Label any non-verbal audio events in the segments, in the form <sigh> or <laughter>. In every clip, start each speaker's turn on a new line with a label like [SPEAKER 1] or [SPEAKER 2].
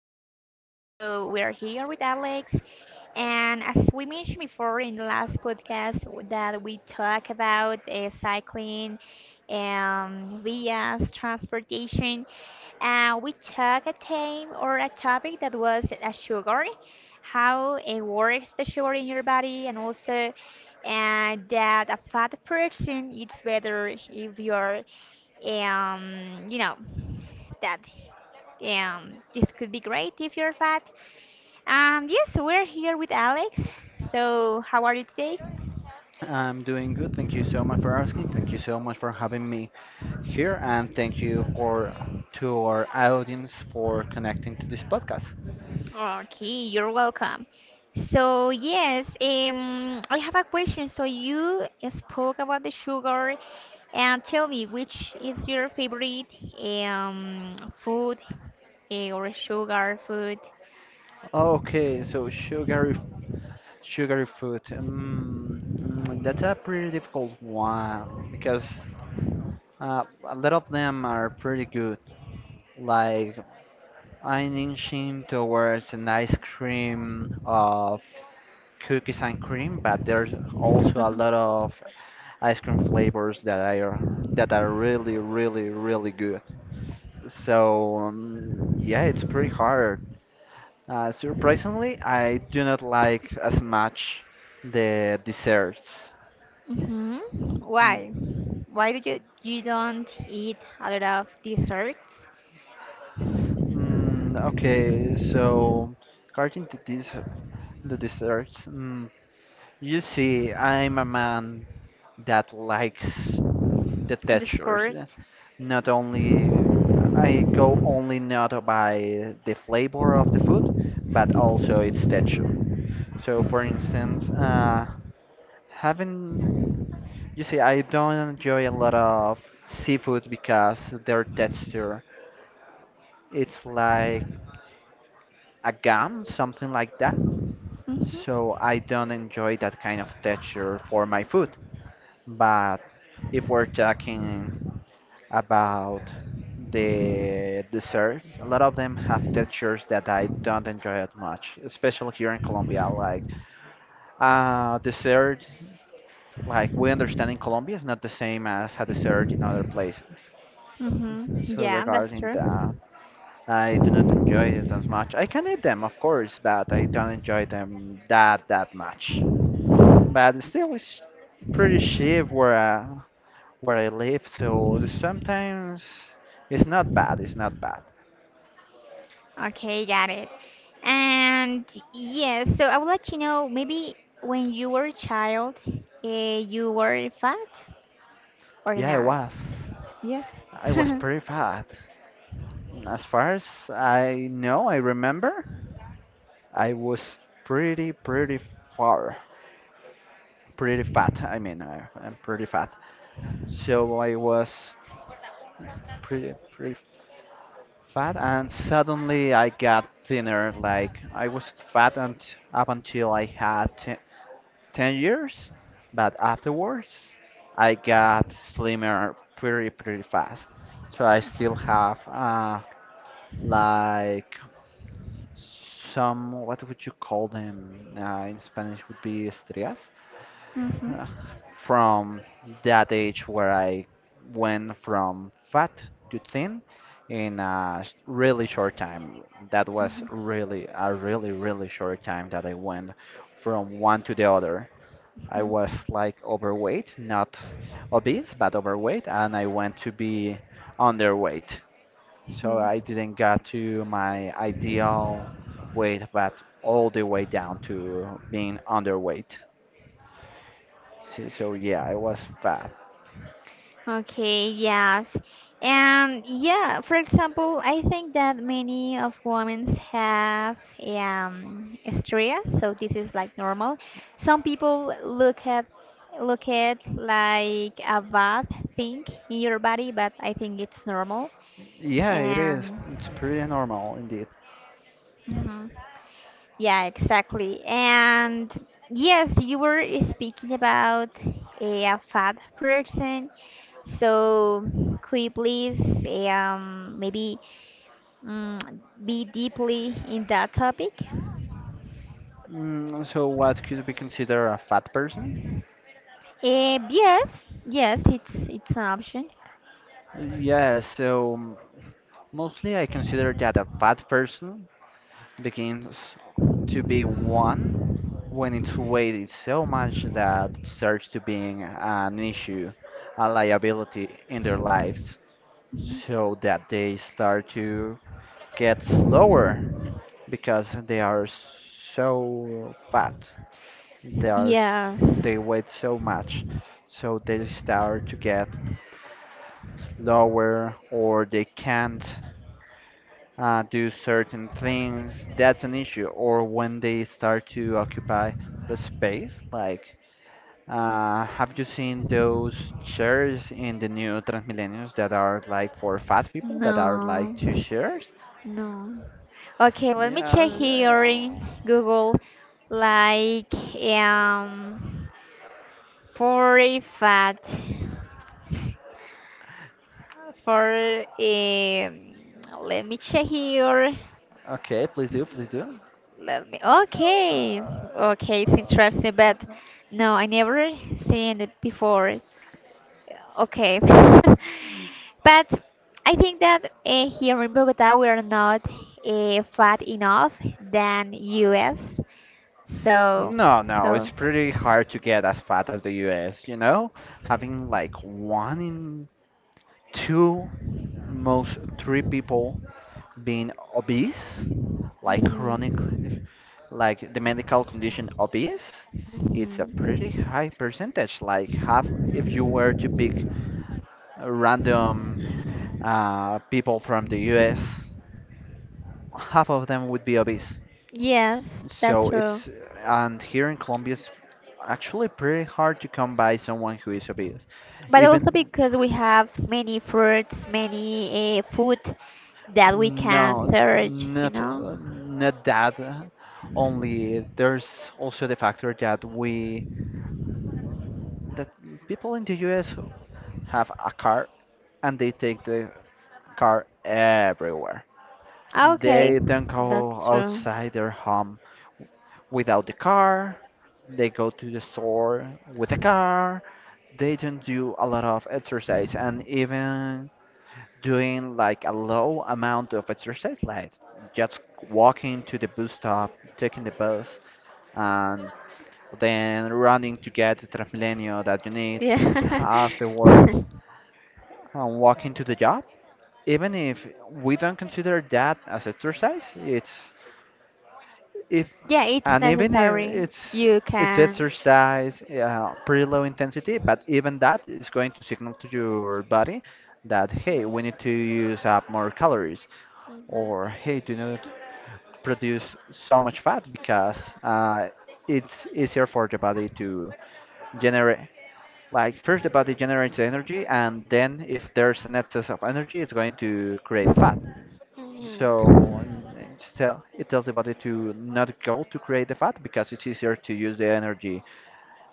[SPEAKER 1] podcast. So we are here with Alex, and as we mentioned before in the last podcast that we talk about cycling, vias, transportation, we took a theme or a topic that was a sugar, how it works the sugar in your body, and also and that a fat person eats better if you're um, you know, that this could be great if you're fat. Yes, we're here with Alex. So, how are you today?
[SPEAKER 2] I'm doing good. Thank you so much for asking. Thank you so much for having me here, and thank you for to our audience for connecting to this podcast.
[SPEAKER 1] Okay, you're welcome. So, yes, I have a question. So, you spoke about the sugar, and tell me which is your favorite um, food or sugar food?
[SPEAKER 2] Okay, so sugary food. That's a pretty difficult one because a lot of them are pretty good. Like I'm inching towards an ice cream of cookies and cream, but there's also a
[SPEAKER 1] <laughs>
[SPEAKER 2] lot of ice cream flavors that are really, really, really good. So yeah, it's pretty hard. Surprisingly, I do not like as much the desserts.
[SPEAKER 1] Hmm.
[SPEAKER 2] Mm,
[SPEAKER 1] Why? Why do you don't eat a lot of desserts?
[SPEAKER 2] okay, so regarding the desserts, you see, I'm a man that likes the textures.
[SPEAKER 1] Desserts.
[SPEAKER 2] Not only I go only not by the flavor of the food, but also its texture. So, for instance, having you see, I don't enjoy a lot of seafood because their texture it's like a gum, something like that.
[SPEAKER 1] Mhm.
[SPEAKER 2] So I don't enjoy that kind of texture for my food. But if we're talking about the desserts, a lot of them have textures that I don't enjoy as much, especially here in Colombia. Like dessert, like we understand in Colombia, is not the same as a dessert in other places.
[SPEAKER 1] Mhm.
[SPEAKER 2] So
[SPEAKER 1] Yeah, that's
[SPEAKER 2] regarding that,
[SPEAKER 1] true.
[SPEAKER 2] I do not enjoy it as much. I can eat them, of course, but I don't enjoy them that much. But still, it's pretty cheap where I live, so sometimes it's not bad. It's not bad.
[SPEAKER 1] Okay, got it. And yes, so I would like to know maybe when you were a child, you were fat or
[SPEAKER 2] Yeah, it
[SPEAKER 1] not?
[SPEAKER 2] was.
[SPEAKER 1] Yes.
[SPEAKER 2] I was
[SPEAKER 1] <laughs>
[SPEAKER 2] pretty fat. As far as I know, I remember, I was pretty, pretty far. Pretty fat, I mean, I'm pretty fat. So I was pretty, pretty fat, and suddenly I got thinner. Like, I was fat and up until I had te 10 years, but afterwards, I got slimmer pretty, pretty fast. So I still have, like some, what would you call them, in Spanish would be estrellas, <laughs>
[SPEAKER 1] Mhm.
[SPEAKER 2] uh, from that age where I went from fat to thin in a really short time. That was
[SPEAKER 1] Mhm.
[SPEAKER 2] really a really, really short time that I went from one to the other. I
[SPEAKER 1] Mhm.
[SPEAKER 2] was like overweight, not obese, but overweight, and I went to be underweight, so
[SPEAKER 1] Mhm.
[SPEAKER 2] I didn't get to my ideal weight, but all the way down to being underweight. So, yeah, I was fat.
[SPEAKER 1] Okay, yes. And yeah, for example, I think that many of women have hysteria, so this is like normal. Some people look at like a bad thing in your body, but I think it's normal.
[SPEAKER 2] Yeah, it is.
[SPEAKER 1] And.
[SPEAKER 2] It's pretty normal indeed.
[SPEAKER 1] Mhm. Yeah, exactly. And yes, you were speaking about a fat person. So, could you please maybe mm, be deeply in that topic?
[SPEAKER 2] So what could be considered a fat person?
[SPEAKER 1] Yes, yes, it's an option.
[SPEAKER 2] Yeah, so mostly I consider that a fat person begins to be one when its weight is so much that it starts to being an issue, a liability in their lives, so that they start to get slower because they are so fat. They are s-
[SPEAKER 1] Yes.
[SPEAKER 2] they weigh so much, so they start to get slower or they can't do certain things. That's an issue. Or when they start to occupy the space, like. Have you seen those chairs in the new Transmillennials that are like for fat people that are like two
[SPEAKER 1] No.
[SPEAKER 2] chairs?
[SPEAKER 1] No. Okay, let me check
[SPEAKER 2] Yeah,
[SPEAKER 1] here
[SPEAKER 2] yeah.
[SPEAKER 1] in Google. Like um for a fat for let me check here.
[SPEAKER 2] Okay, please do, please do.
[SPEAKER 1] Let me. Okay, okay, it's interesting, but no, I never seen it before. Okay, <laughs> but I think that here in Bogota we are not fat enough than US. So,
[SPEAKER 2] No, no, it's
[SPEAKER 1] so.
[SPEAKER 2] pretty hard to get as fat as the US, you know? Having like one in two, most three people being obese, like chronic,
[SPEAKER 1] Mhm,
[SPEAKER 2] like the medical condition obese, it's a pretty
[SPEAKER 1] mhm.
[SPEAKER 2] high percentage. Like half, if you were to pick random people from the US. Half of them would be obese.
[SPEAKER 1] Yes, that's
[SPEAKER 2] So
[SPEAKER 1] true.
[SPEAKER 2] it's and here in Colombia it's actually pretty hard to come by someone who is obese.
[SPEAKER 1] But also
[SPEAKER 2] Even
[SPEAKER 1] because we have many fruits, many food that we can search, you know?
[SPEAKER 2] not that only, there's also the factor that we that people in the US have a car and they take the car everywhere.
[SPEAKER 1] Ah, okay,
[SPEAKER 2] They don't go
[SPEAKER 1] that's true.
[SPEAKER 2] outside their home without the car. They go to the store with the car. They don't do a lot of exercise, and even doing like a low amount of exercise, like just walking to the bus stop, taking the bus, and then running to get the Transmilenio that you need
[SPEAKER 1] Yeah. <laughs>
[SPEAKER 2] afterwards and walking to the job, even if we don't consider that as exercise, it's if
[SPEAKER 1] Yeah, it's
[SPEAKER 2] and even if
[SPEAKER 1] necessary.
[SPEAKER 2] it's
[SPEAKER 1] You
[SPEAKER 2] it's
[SPEAKER 1] can.
[SPEAKER 2] exercise, pretty low intensity, but even that is going to signal to your body that, hey, we need to use up more calories, or hey, do not produce so much fat, because it's easier for the body to generate, like, first the body generates the energy and then if there's an excess of energy it's going to create the fat, so
[SPEAKER 1] Mhm.
[SPEAKER 2] it tells the body to not go to create the fat because it's easier to use the energy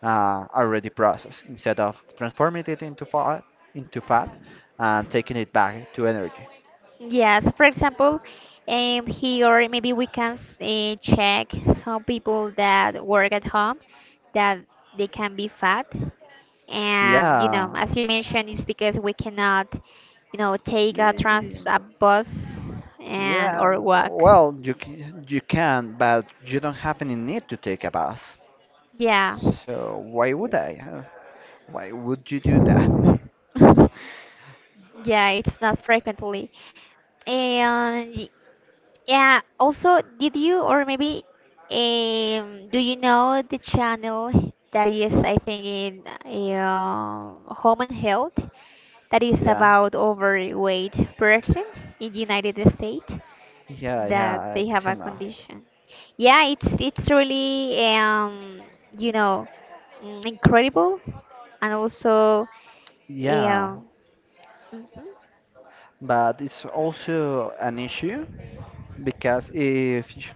[SPEAKER 2] already processed instead of transforming it into fat and taking it back to energy.
[SPEAKER 1] Yeah, so for example, here maybe we can check some people that work at home that they can be fat. And,
[SPEAKER 2] Yeah,
[SPEAKER 1] as you mentioned, it's because we cannot, take a
[SPEAKER 2] y-
[SPEAKER 1] trans a bus and
[SPEAKER 2] yeah.
[SPEAKER 1] or walk.
[SPEAKER 2] Well, you can, but you don't have any need to take a bath.
[SPEAKER 1] Yeah.
[SPEAKER 2] So why would I? Huh? Why would you do that? <laughs>
[SPEAKER 1] <laughs> Yeah, it's not frequently. And yeah, also, did you or maybe do you know the channel that is, I think, in uh, Home and Health that is
[SPEAKER 2] Yeah,
[SPEAKER 1] about overweight person in the United States
[SPEAKER 2] yeah,
[SPEAKER 1] that
[SPEAKER 2] yeah.
[SPEAKER 1] they have
[SPEAKER 2] It's
[SPEAKER 1] a
[SPEAKER 2] enough.
[SPEAKER 1] condition? Yeah, it's really you know incredible. And also,
[SPEAKER 2] Yeah.
[SPEAKER 1] um, mhm.
[SPEAKER 2] But it's also an issue because if you-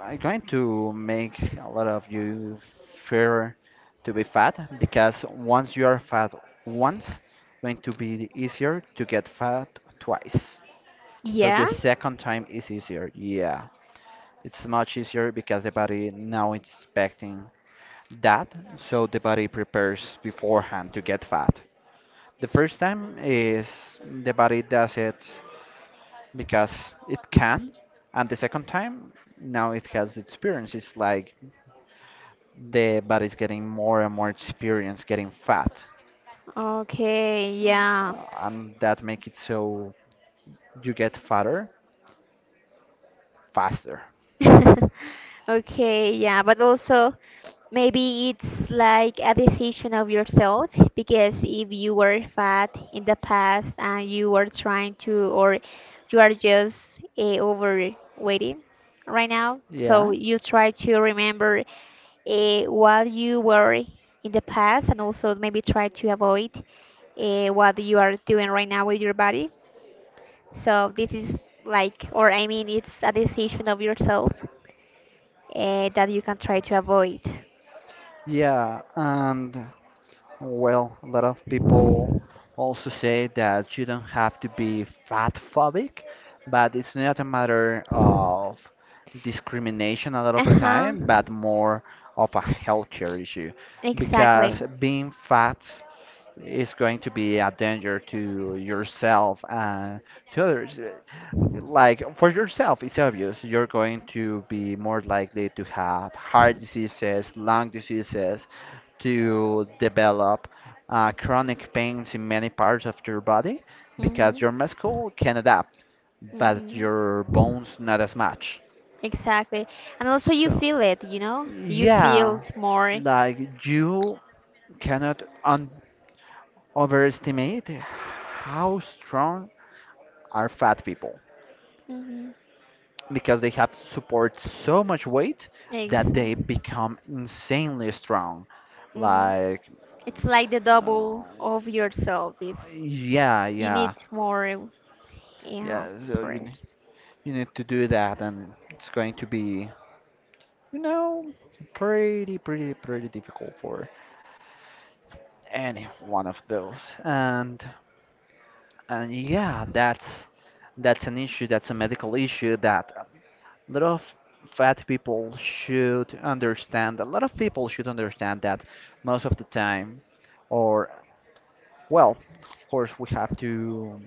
[SPEAKER 2] I'm going to make a lot of you fear to be fat, because once you are fat once, going to be easier to get fat twice. So the
[SPEAKER 1] Yeah.
[SPEAKER 2] second time is easier. Yeah, it's much easier because the body now it's expecting that, so the body prepares beforehand to get fat. The first time is the body does it because it can. And the second time, now it has experience. It's like the body's getting more and more experience, getting fat.
[SPEAKER 1] Okay, yeah.
[SPEAKER 2] And that make it so you get fatter faster.
[SPEAKER 1] <laughs> Okay, yeah, but also maybe it's like a decision of yourself because if you were fat in the past and you were trying to, or you are just overweighting right now, so
[SPEAKER 2] Yeah,
[SPEAKER 1] you try to remember what you were in the past and also maybe try to avoid what you are doing right now with your body. So this is like, or I mean, it's a decision of yourself that you can try to avoid.
[SPEAKER 2] yeah, and well, a lot of people also say that you don't have to be fat phobic, but it's not a matter of discrimination a lot of the
[SPEAKER 1] Uh-huh.
[SPEAKER 2] time, but more of a healthcare issue
[SPEAKER 1] Exactly.
[SPEAKER 2] because being fat is going to be a danger to yourself and to others. Like for yourself, it's obvious you're going to be more likely to have heart diseases, lung diseases, to develop chronic pains in many parts of your body because
[SPEAKER 1] Hmm.
[SPEAKER 2] your muscle can adapt, but
[SPEAKER 1] Hmm.
[SPEAKER 2] your bones not as much.
[SPEAKER 1] Exactly. And also you
[SPEAKER 2] So,
[SPEAKER 1] feel it, you know? You feel
[SPEAKER 2] yeah,
[SPEAKER 1] it more.
[SPEAKER 2] like you cannot overestimate how strong are fat people
[SPEAKER 1] Mm-hmm.
[SPEAKER 2] because they have to support so much weight that they
[SPEAKER 1] Exactly.
[SPEAKER 2] become insanely strong.
[SPEAKER 1] hmm
[SPEAKER 2] Like,
[SPEAKER 1] It's like the
[SPEAKER 2] uh,
[SPEAKER 1] double of yourself is
[SPEAKER 2] yeah,
[SPEAKER 1] you need
[SPEAKER 2] yeah,
[SPEAKER 1] more, yeah,
[SPEAKER 2] yeah. So
[SPEAKER 1] prayers.
[SPEAKER 2] you need to do that, and it's going to be, you know, pretty, pretty, pretty difficult for any one of those. And and yeah, that's an issue. That's a medical issue that a lot of fat people should understand. A lot of people should understand that most of the time, or, well, of course, we have to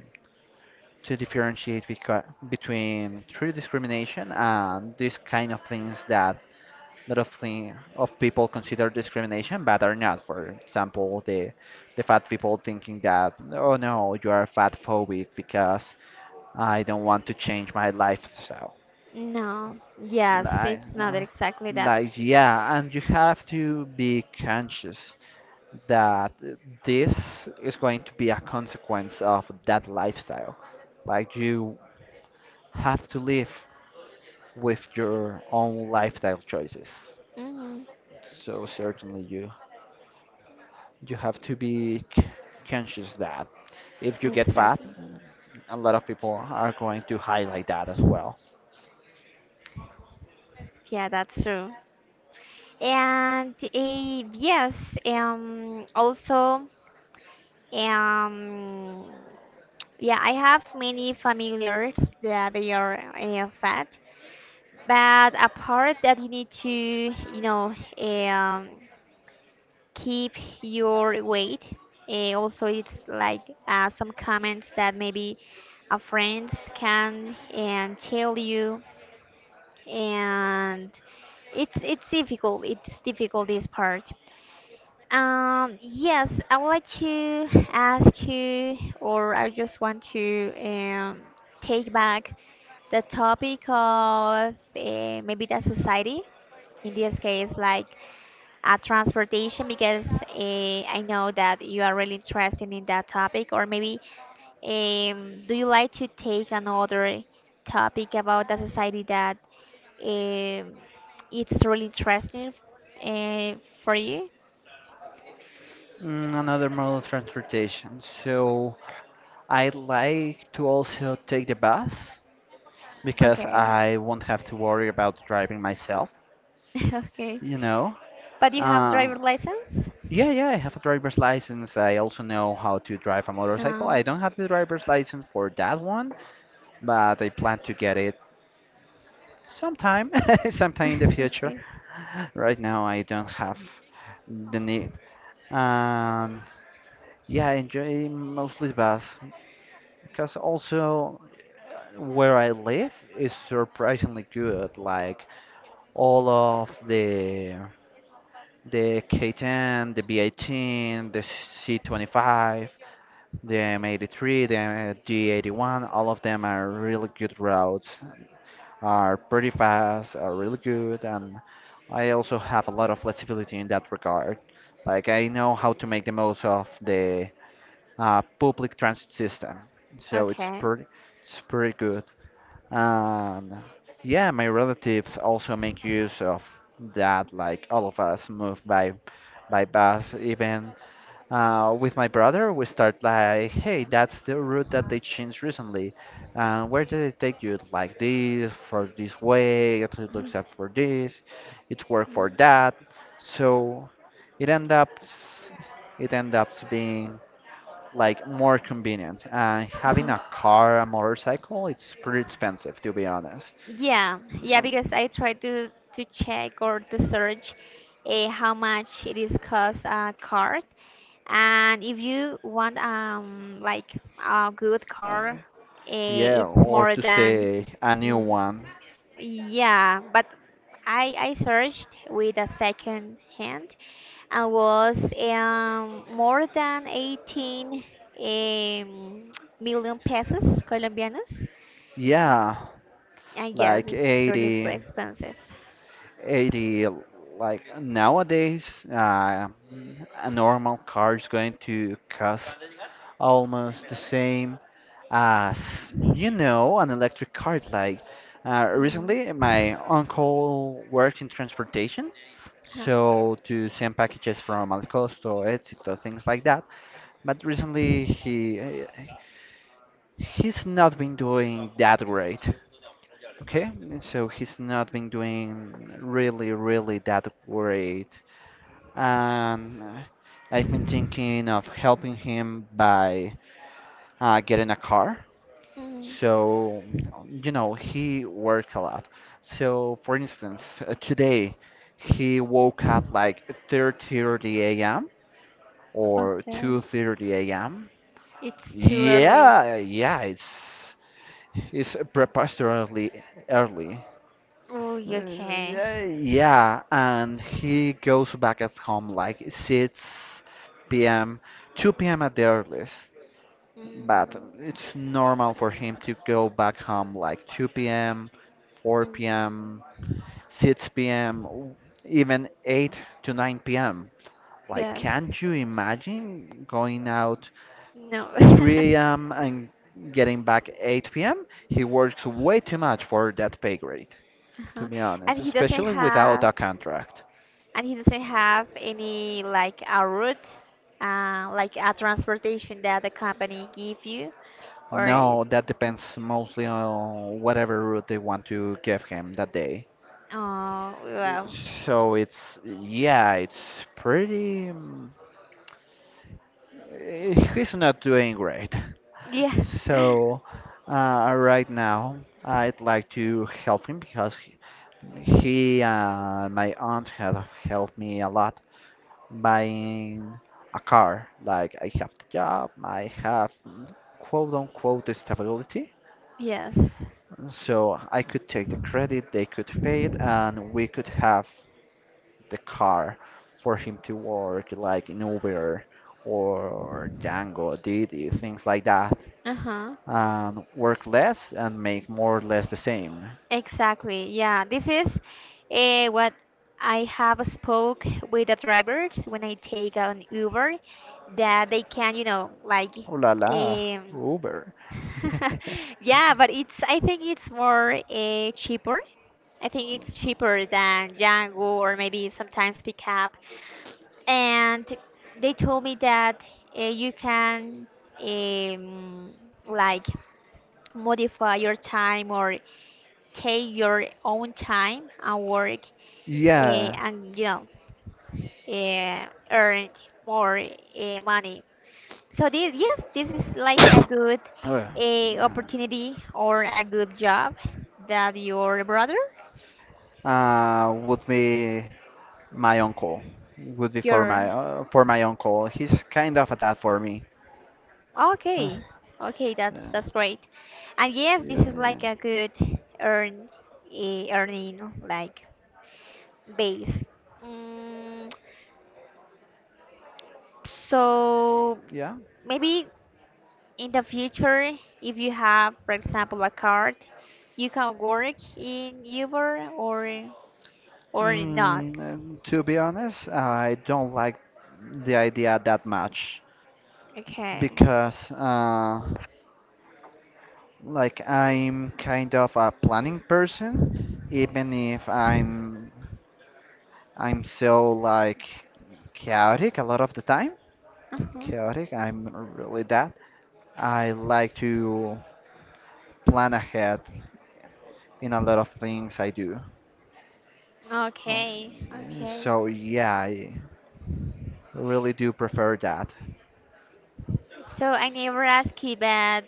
[SPEAKER 2] to differentiate between true discrimination and these kind of things that lot of thing of people consider discrimination, but are not. For example, the fat people thinking that, oh no, you are fat phobic because I don't want to change my lifestyle.
[SPEAKER 1] No. Yes,
[SPEAKER 2] Like,
[SPEAKER 1] it's not exactly that.
[SPEAKER 2] like, yeah, and you have to be conscious that this is going to be a consequence of that lifestyle. Like you have to live with your own lifestyle choices.
[SPEAKER 1] Hmm.
[SPEAKER 2] So certainly you have to be conscious that if you get fat,
[SPEAKER 1] Exactly.
[SPEAKER 2] a lot of people are going to highlight that as well.
[SPEAKER 1] Yeah, that's true. And yes, also, um, yeah, I have many familiars that they are fat, but a part that you need to, keep your weight. Also, it's like some comments that maybe a friends can and tell you, and it's difficult. It's difficult this part. Yes, I would like to ask you, or I just want to take back the topic of maybe the society, in this case, like transportation, because I know that you are really interested in that topic, or maybe do you like to take another topic about the society that um, it's really interesting uh, for you?
[SPEAKER 2] Another mode of transportation. So I like to also take the bus because
[SPEAKER 1] Okay,
[SPEAKER 2] I won't have to worry about driving myself,
[SPEAKER 1] <laughs> okay.
[SPEAKER 2] you know.
[SPEAKER 1] But you have
[SPEAKER 2] Uh,
[SPEAKER 1] driver license?
[SPEAKER 2] yeah, yeah, I have a driver's license. I also know how to drive a motorcycle. I
[SPEAKER 1] Um,
[SPEAKER 2] don't have the driver's license for that one, but I plan to get it sometime, <laughs> sometime in the future.
[SPEAKER 1] <laughs> okay.
[SPEAKER 2] Right now, I don't have the need. And yeah, I enjoy mostly bath because also, where I live is surprisingly good. Like all of the K10, the B18, the C25, the M83, the G81, all of them are really good routes, are pretty fast, are really good, and I also have a lot of flexibility in that regard. Like I know how to make the most of the public transit system, so it's
[SPEAKER 1] Okay.
[SPEAKER 2] pretty, it's pretty good. And yeah, my relatives also make use of that. Like all of us move by bus, even, with my brother, we start like, hey, that's the route that they changed recently. Where did it take you? Like this, for this way, it looks up for this, it worked for that. So it end up, it end up being like more convenient. And having
[SPEAKER 1] Mhm.
[SPEAKER 2] a car, a motorcycle, it's pretty expensive to be honest.
[SPEAKER 1] Yeah, yeah,
[SPEAKER 2] Um,
[SPEAKER 1] because I tried to check or to search how much it is cost a car, and if you want like a good car,
[SPEAKER 2] um, yeah,
[SPEAKER 1] it's
[SPEAKER 2] or
[SPEAKER 1] more
[SPEAKER 2] to
[SPEAKER 1] than
[SPEAKER 2] say a new
[SPEAKER 1] mm,
[SPEAKER 2] one.
[SPEAKER 1] yeah. But I searched with a second hand, I was more than 18 um, million pesos colombianos.
[SPEAKER 2] Yeah,
[SPEAKER 1] And yes,
[SPEAKER 2] like
[SPEAKER 1] it's really
[SPEAKER 2] 80,
[SPEAKER 1] expensive.
[SPEAKER 2] 80 like nowadays, a normal car is going to cost almost the same as an electric car, like,
[SPEAKER 1] Mm.
[SPEAKER 2] recently my uncle worked in transportation,
[SPEAKER 1] Huh.
[SPEAKER 2] so to send packages from Alcosto, Éxito, things like that. But recently he he's not been doing that great. Okay, so he's not been doing really, really that great. And I've been thinking of helping him by getting a car.
[SPEAKER 1] Mm.
[SPEAKER 2] So, you know, he works a lot. So, for instance, today he woke up like 3:30 a.m. or
[SPEAKER 1] Okay.
[SPEAKER 2] 2:30 a.m.
[SPEAKER 1] It's too early.
[SPEAKER 2] Yeah, yeah, it's preposterously early.
[SPEAKER 1] Oh, okay.
[SPEAKER 2] Yeah, yeah, and he goes back at home like 6 p.m., 2 p.m. at the earliest.
[SPEAKER 1] Mm.
[SPEAKER 2] But it's normal for him to go back home like 2 p.m.,
[SPEAKER 1] Mm.
[SPEAKER 2] 4 p.m., 6 p.m., even 8 to 9 p.m. Like,
[SPEAKER 1] Yes.
[SPEAKER 2] can't you imagine going out
[SPEAKER 1] No. <laughs>
[SPEAKER 2] 3 a.m. and getting back 8 p.m.? He works way too much for that pay grade, to
[SPEAKER 1] Uh-huh.
[SPEAKER 2] be
[SPEAKER 1] And
[SPEAKER 2] honest,
[SPEAKER 1] he doesn't
[SPEAKER 2] especially without
[SPEAKER 1] have
[SPEAKER 2] a contract.
[SPEAKER 1] and he doesn't have any like a route, like a transportation that the company give you. Or in
[SPEAKER 2] No, that depends mostly on whatever route they want to give him that day.
[SPEAKER 1] Oh, well.
[SPEAKER 2] So it's, yeah, it's pretty. He's not doing great.
[SPEAKER 1] Yeah.
[SPEAKER 2] So
[SPEAKER 1] <laughs>
[SPEAKER 2] right now, I'd like to help him because my aunt has helped me a lot buying a car. Like, I have the job, I have quote unquote stability.
[SPEAKER 1] Yes.
[SPEAKER 2] So I could take the credit, they could pay it, and we could have the car for him to work, like in Uber or Django, Didi, things like that,
[SPEAKER 1] Uh-huh.
[SPEAKER 2] and work less and make more or less the same.
[SPEAKER 1] Exactly. Yeah. This is what I have spoke with the drivers when I take an Uber that they can, like
[SPEAKER 2] Oh la la,
[SPEAKER 1] um
[SPEAKER 2] Uber. <laughs>
[SPEAKER 1] <laughs> yeah, but it's I think it's more cheaper. I think it's cheaper than Django or maybe sometimes Pickup. And they told me that you can um, like modify your time or take your own time and work,
[SPEAKER 2] Yeah,
[SPEAKER 1] and you know earn more money. So this yes, this is like a good
[SPEAKER 2] uh,
[SPEAKER 1] opportunity or a good job that your brother
[SPEAKER 2] would be my uncle. Would be
[SPEAKER 1] your—
[SPEAKER 2] for my uncle. He's kind of a dad for me. Uh,
[SPEAKER 1] Okay, okay, that's great. And yes, this
[SPEAKER 2] yeah,
[SPEAKER 1] is
[SPEAKER 2] yeah.
[SPEAKER 1] like a good earn earning like base. Mm, so
[SPEAKER 2] Yeah.
[SPEAKER 1] maybe in the future, if you have, for example, a card, you can work in Uber or not.
[SPEAKER 2] And to be honest, I don't like the idea that much
[SPEAKER 1] Okay.
[SPEAKER 2] because, like, I'm kind of a planning person, even if I'm so like chaotic a lot of the time.
[SPEAKER 1] Mhm.
[SPEAKER 2] Chaotic, I'm really that. I like to plan ahead in a lot of things I do. Oh.
[SPEAKER 1] Okay, okay.
[SPEAKER 2] So yeah, I really do prefer that.
[SPEAKER 1] So I never asked you, but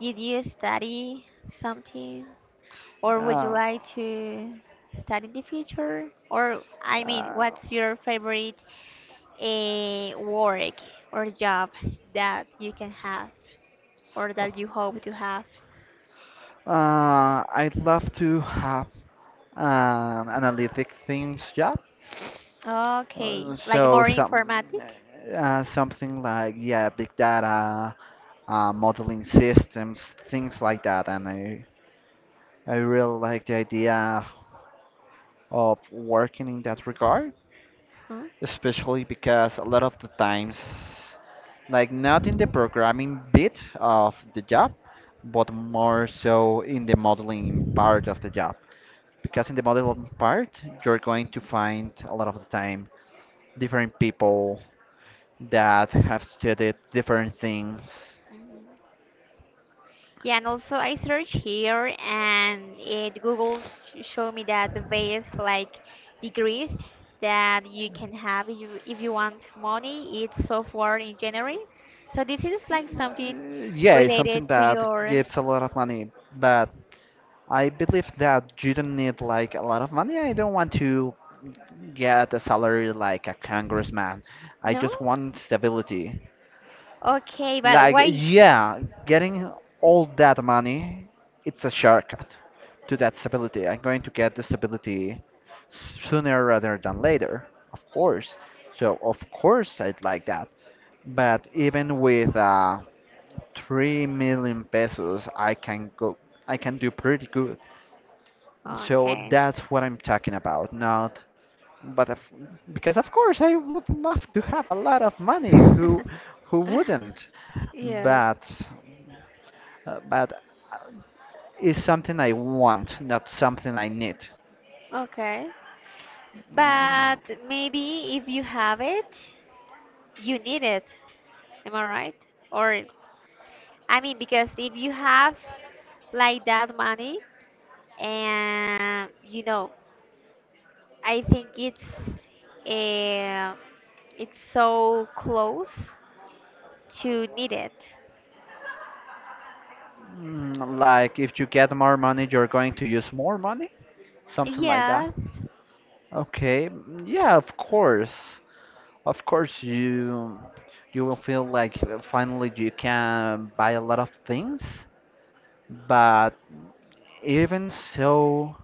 [SPEAKER 1] did you study something? Or would you
[SPEAKER 2] Uh,
[SPEAKER 1] like to study in the future? Or, I mean,
[SPEAKER 2] uh,
[SPEAKER 1] what's your favorite work or job that you can have or that you hope to have?
[SPEAKER 2] I'd love to have an analytic things job.
[SPEAKER 1] Okay, like
[SPEAKER 2] So
[SPEAKER 1] more
[SPEAKER 2] some
[SPEAKER 1] informatic?
[SPEAKER 2] something like yeah, big data, modeling systems, things like that. And I really like the idea of working in that regard,
[SPEAKER 1] Huh?
[SPEAKER 2] especially because a lot of the times, like not in the programming bit of the job, but more so in the modeling part of the job. Because in the modeling part, you're going to find a lot of the time different people that have studied different things.
[SPEAKER 1] Mhm. Yeah, and also I search here and it Google show me that the various like degrees that you can have if you, want money, it's software engineering. So this is like something
[SPEAKER 2] Yeah, it's something
[SPEAKER 1] related to
[SPEAKER 2] that
[SPEAKER 1] your—
[SPEAKER 2] gives a lot of money, but I believe that you don't need like a lot of money. I don't want to get a salary like a congressman. I
[SPEAKER 1] No?
[SPEAKER 2] just want stability.
[SPEAKER 1] Okay, but
[SPEAKER 2] Like,
[SPEAKER 1] why?
[SPEAKER 2] yeah, getting all that money, it's a shortcut to that stability. I'm going to get the stability sooner rather than later, of course. So, of course, I'd like that. But even with 3 million pesos, I can go, I can do pretty good. So
[SPEAKER 1] Okay.
[SPEAKER 2] that's what I'm talking about, not, but of, because of course I would love to have a lot of money.
[SPEAKER 1] <laughs>
[SPEAKER 2] Who wouldn't? But
[SPEAKER 1] Yes.
[SPEAKER 2] but uh, it's something I want, not something I need.
[SPEAKER 1] Okay.
[SPEAKER 2] Oh.
[SPEAKER 1] But maybe if you have it, you need it. Am I right? Or I mean, because if you have like that money and I think uh, it's so close to need it.
[SPEAKER 2] Mm, like if you get more money, you're going to use more money? Something like that.
[SPEAKER 1] Yes.
[SPEAKER 2] Okay, mm, yeah, of course. Of course you will feel like finally you can buy a lot of things, but even so,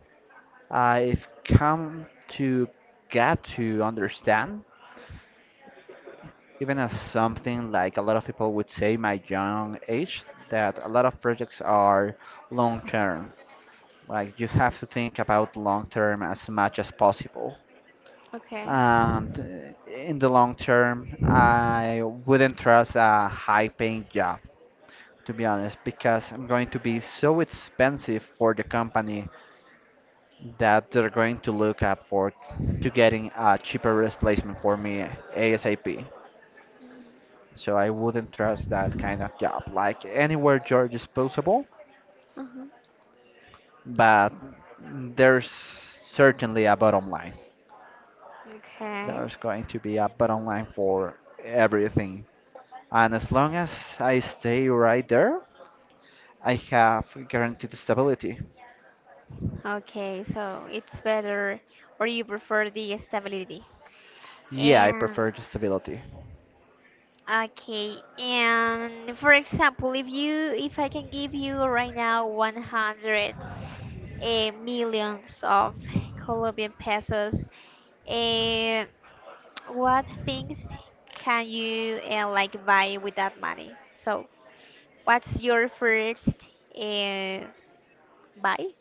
[SPEAKER 2] I've come to get to understand, even as something like a lot of people would say my young age, that a lot of projects are long term. Like you have to think about long term as much as possible,
[SPEAKER 1] Okay.
[SPEAKER 2] and in the long term I wouldn't trust a high paying job, to be honest, because I'm going to be so expensive for the company that they're going to look up for to getting a cheaper replacement for me ASAP. So I wouldn't trust that kind of job. Like, anywhere you're disposable,
[SPEAKER 1] Hmm.
[SPEAKER 2] but there's certainly a bottom line.
[SPEAKER 1] Okay.
[SPEAKER 2] There's going to be a bottom line for everything. And as long as I stay right there, I have guaranteed stability.
[SPEAKER 1] Okay, so it's better, or you prefer the stability.
[SPEAKER 2] Yeah, I
[SPEAKER 1] And
[SPEAKER 2] prefer the stability.
[SPEAKER 1] okay, and for example, if I can give you right now 100 millions of colombian pesos, uh, what things can you like buy with that money? So, what's your first buy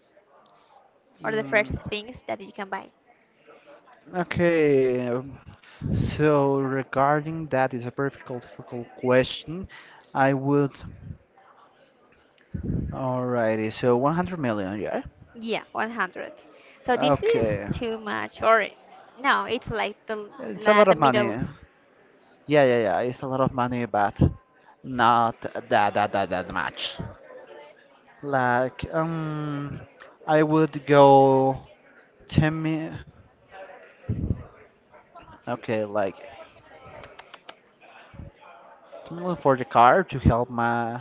[SPEAKER 1] or the first
[SPEAKER 2] Mm,
[SPEAKER 1] things that you can buy?
[SPEAKER 2] okay. So regarding that is a perfectly difficult question. I would. Alrighty. So 100 million, yeah.
[SPEAKER 1] Yeah, 100. So this is
[SPEAKER 2] Okay.
[SPEAKER 1] too much, or no, it's like the
[SPEAKER 2] It's a lot
[SPEAKER 1] the
[SPEAKER 2] of
[SPEAKER 1] middle.
[SPEAKER 2] money. Yeah, yeah, yeah. It's a lot of money, but not that much. Like, I would go ten mil. Okay, like 10 million for the car to help my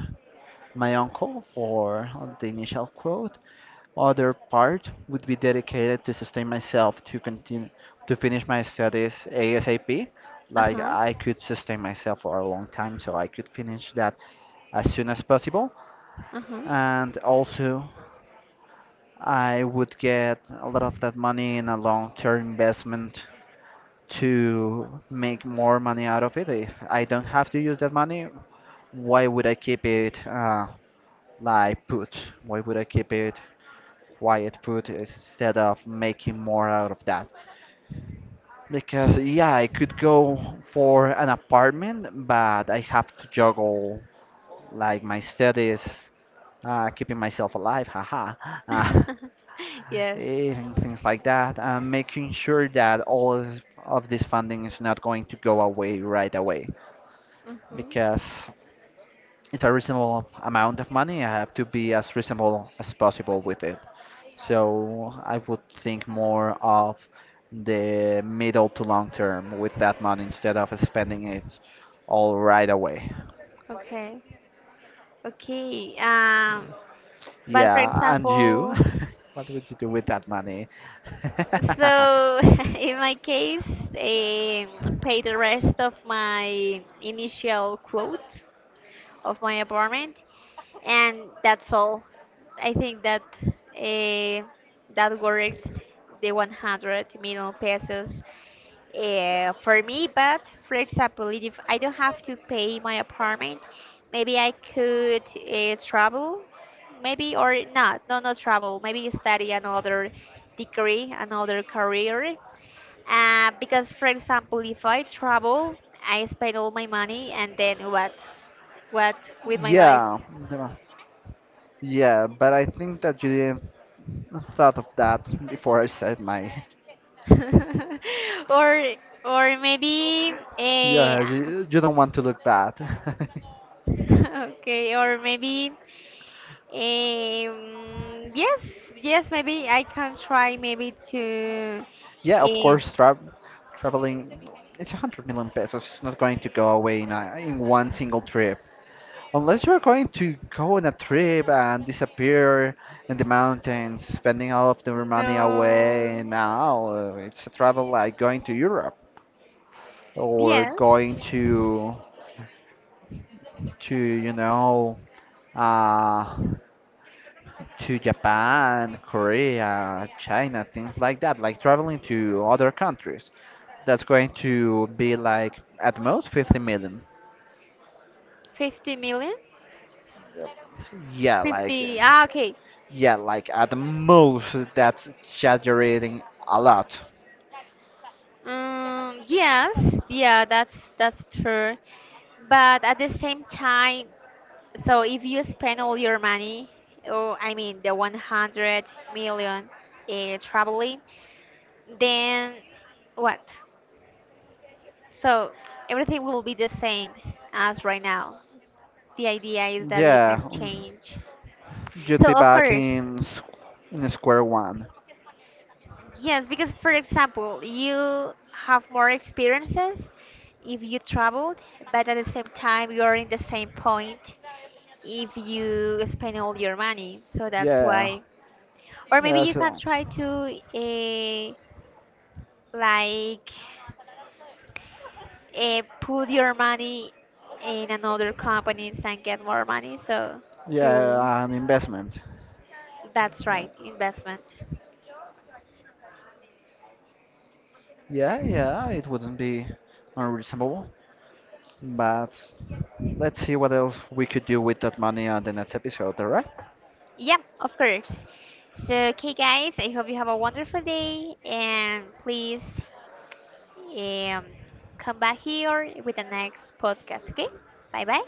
[SPEAKER 2] my uncle for the initial quote. Other part would be dedicated to sustain myself to continue to finish my studies ASAP. Like
[SPEAKER 1] Uh-huh.
[SPEAKER 2] I could sustain myself for a long time, so I could finish that as soon as possible.
[SPEAKER 1] Uh-huh.
[SPEAKER 2] And also I would get a lot of that money in a long-term investment to make more money out of it. If I don't have to use that money, why would I keep it like put? Why would I keep it quiet put instead of making more out of that? Because yeah, I could go for an apartment, but I have to juggle like my studies, keeping myself alive, haha. <laughs>
[SPEAKER 1] <laughs> Yes.
[SPEAKER 2] And things like that, and making sure that all of this funding is not going to go away right away,
[SPEAKER 1] Mm-hmm.
[SPEAKER 2] because it's a reasonable amount of money. I have to be as reasonable as possible with it. So I would think more of the middle to long term with that money instead of spending it all right away.
[SPEAKER 1] Okay. Okay. But for
[SPEAKER 2] Yeah, and you?
[SPEAKER 1] example—
[SPEAKER 2] <laughs> What would you do with that money? <laughs>
[SPEAKER 1] So, <laughs> in my case, pay the rest of my initial quote of my apartment, and that's all. I think that that works the 100 million pesos for me. But for example, if I don't have to pay my apartment, maybe I could travel, maybe or not, no, not travel. Maybe study another degree, another career because, for example, if I travel, I spend all my money, and then what? What with my life?
[SPEAKER 2] Yeah. Yeah, but I think that you didn't thought of that before I said my. <laughs>
[SPEAKER 1] <laughs> Or maybe
[SPEAKER 2] Yeah, you don't want to look bad.
[SPEAKER 1] <laughs> okay, or maybe yes, yes, maybe I can try maybe to
[SPEAKER 2] <laughs> Yeah, of
[SPEAKER 1] um,
[SPEAKER 2] course, traveling. It's 100 million pesos. It's not going to go away in, a, in one single trip, unless you're going to go on a trip and disappear in the mountains, spending all of the money
[SPEAKER 1] no,
[SPEAKER 2] away. Now it's a travel like going to Europe or
[SPEAKER 1] yes,
[SPEAKER 2] going to you know. Uh, to Japan, Korea, China, things like that, like traveling to other countries. That's going to be like at most 50 million.
[SPEAKER 1] 50 million,
[SPEAKER 2] Yeah, like uh,
[SPEAKER 1] 50. Ah, okay.
[SPEAKER 2] yeah, like at the most that's exaggerating a lot.
[SPEAKER 1] Yes, yeah, that's true. But at the same time, so if you spend all your money, or I mean the 100 million traveling, then what? So everything will be the same as right now. The idea is that you
[SPEAKER 2] Yeah,
[SPEAKER 1] can change.
[SPEAKER 2] you'd
[SPEAKER 1] So
[SPEAKER 2] be
[SPEAKER 1] of
[SPEAKER 2] back
[SPEAKER 1] course,
[SPEAKER 2] in in square one.
[SPEAKER 1] yes, because for example, you have more experiences if you traveled, but at the same time, you are in the same point if you spend all your money. So that's
[SPEAKER 2] Yeah,
[SPEAKER 1] why. Or maybe
[SPEAKER 2] yeah,
[SPEAKER 1] you can
[SPEAKER 2] so
[SPEAKER 1] try to uh, like put your money in another companies and get more money. So to
[SPEAKER 2] yeah, an investment.
[SPEAKER 1] That's
[SPEAKER 2] Yeah,
[SPEAKER 1] right, investment.
[SPEAKER 2] yeah, yeah, it wouldn't be unreasonable, but. Let's see what else we could do with that money on the next episode, alright?
[SPEAKER 1] Yeah, of course. So okay, guys, I hope you have a wonderful day and please um, come back here with the next podcast. Okay, bye bye.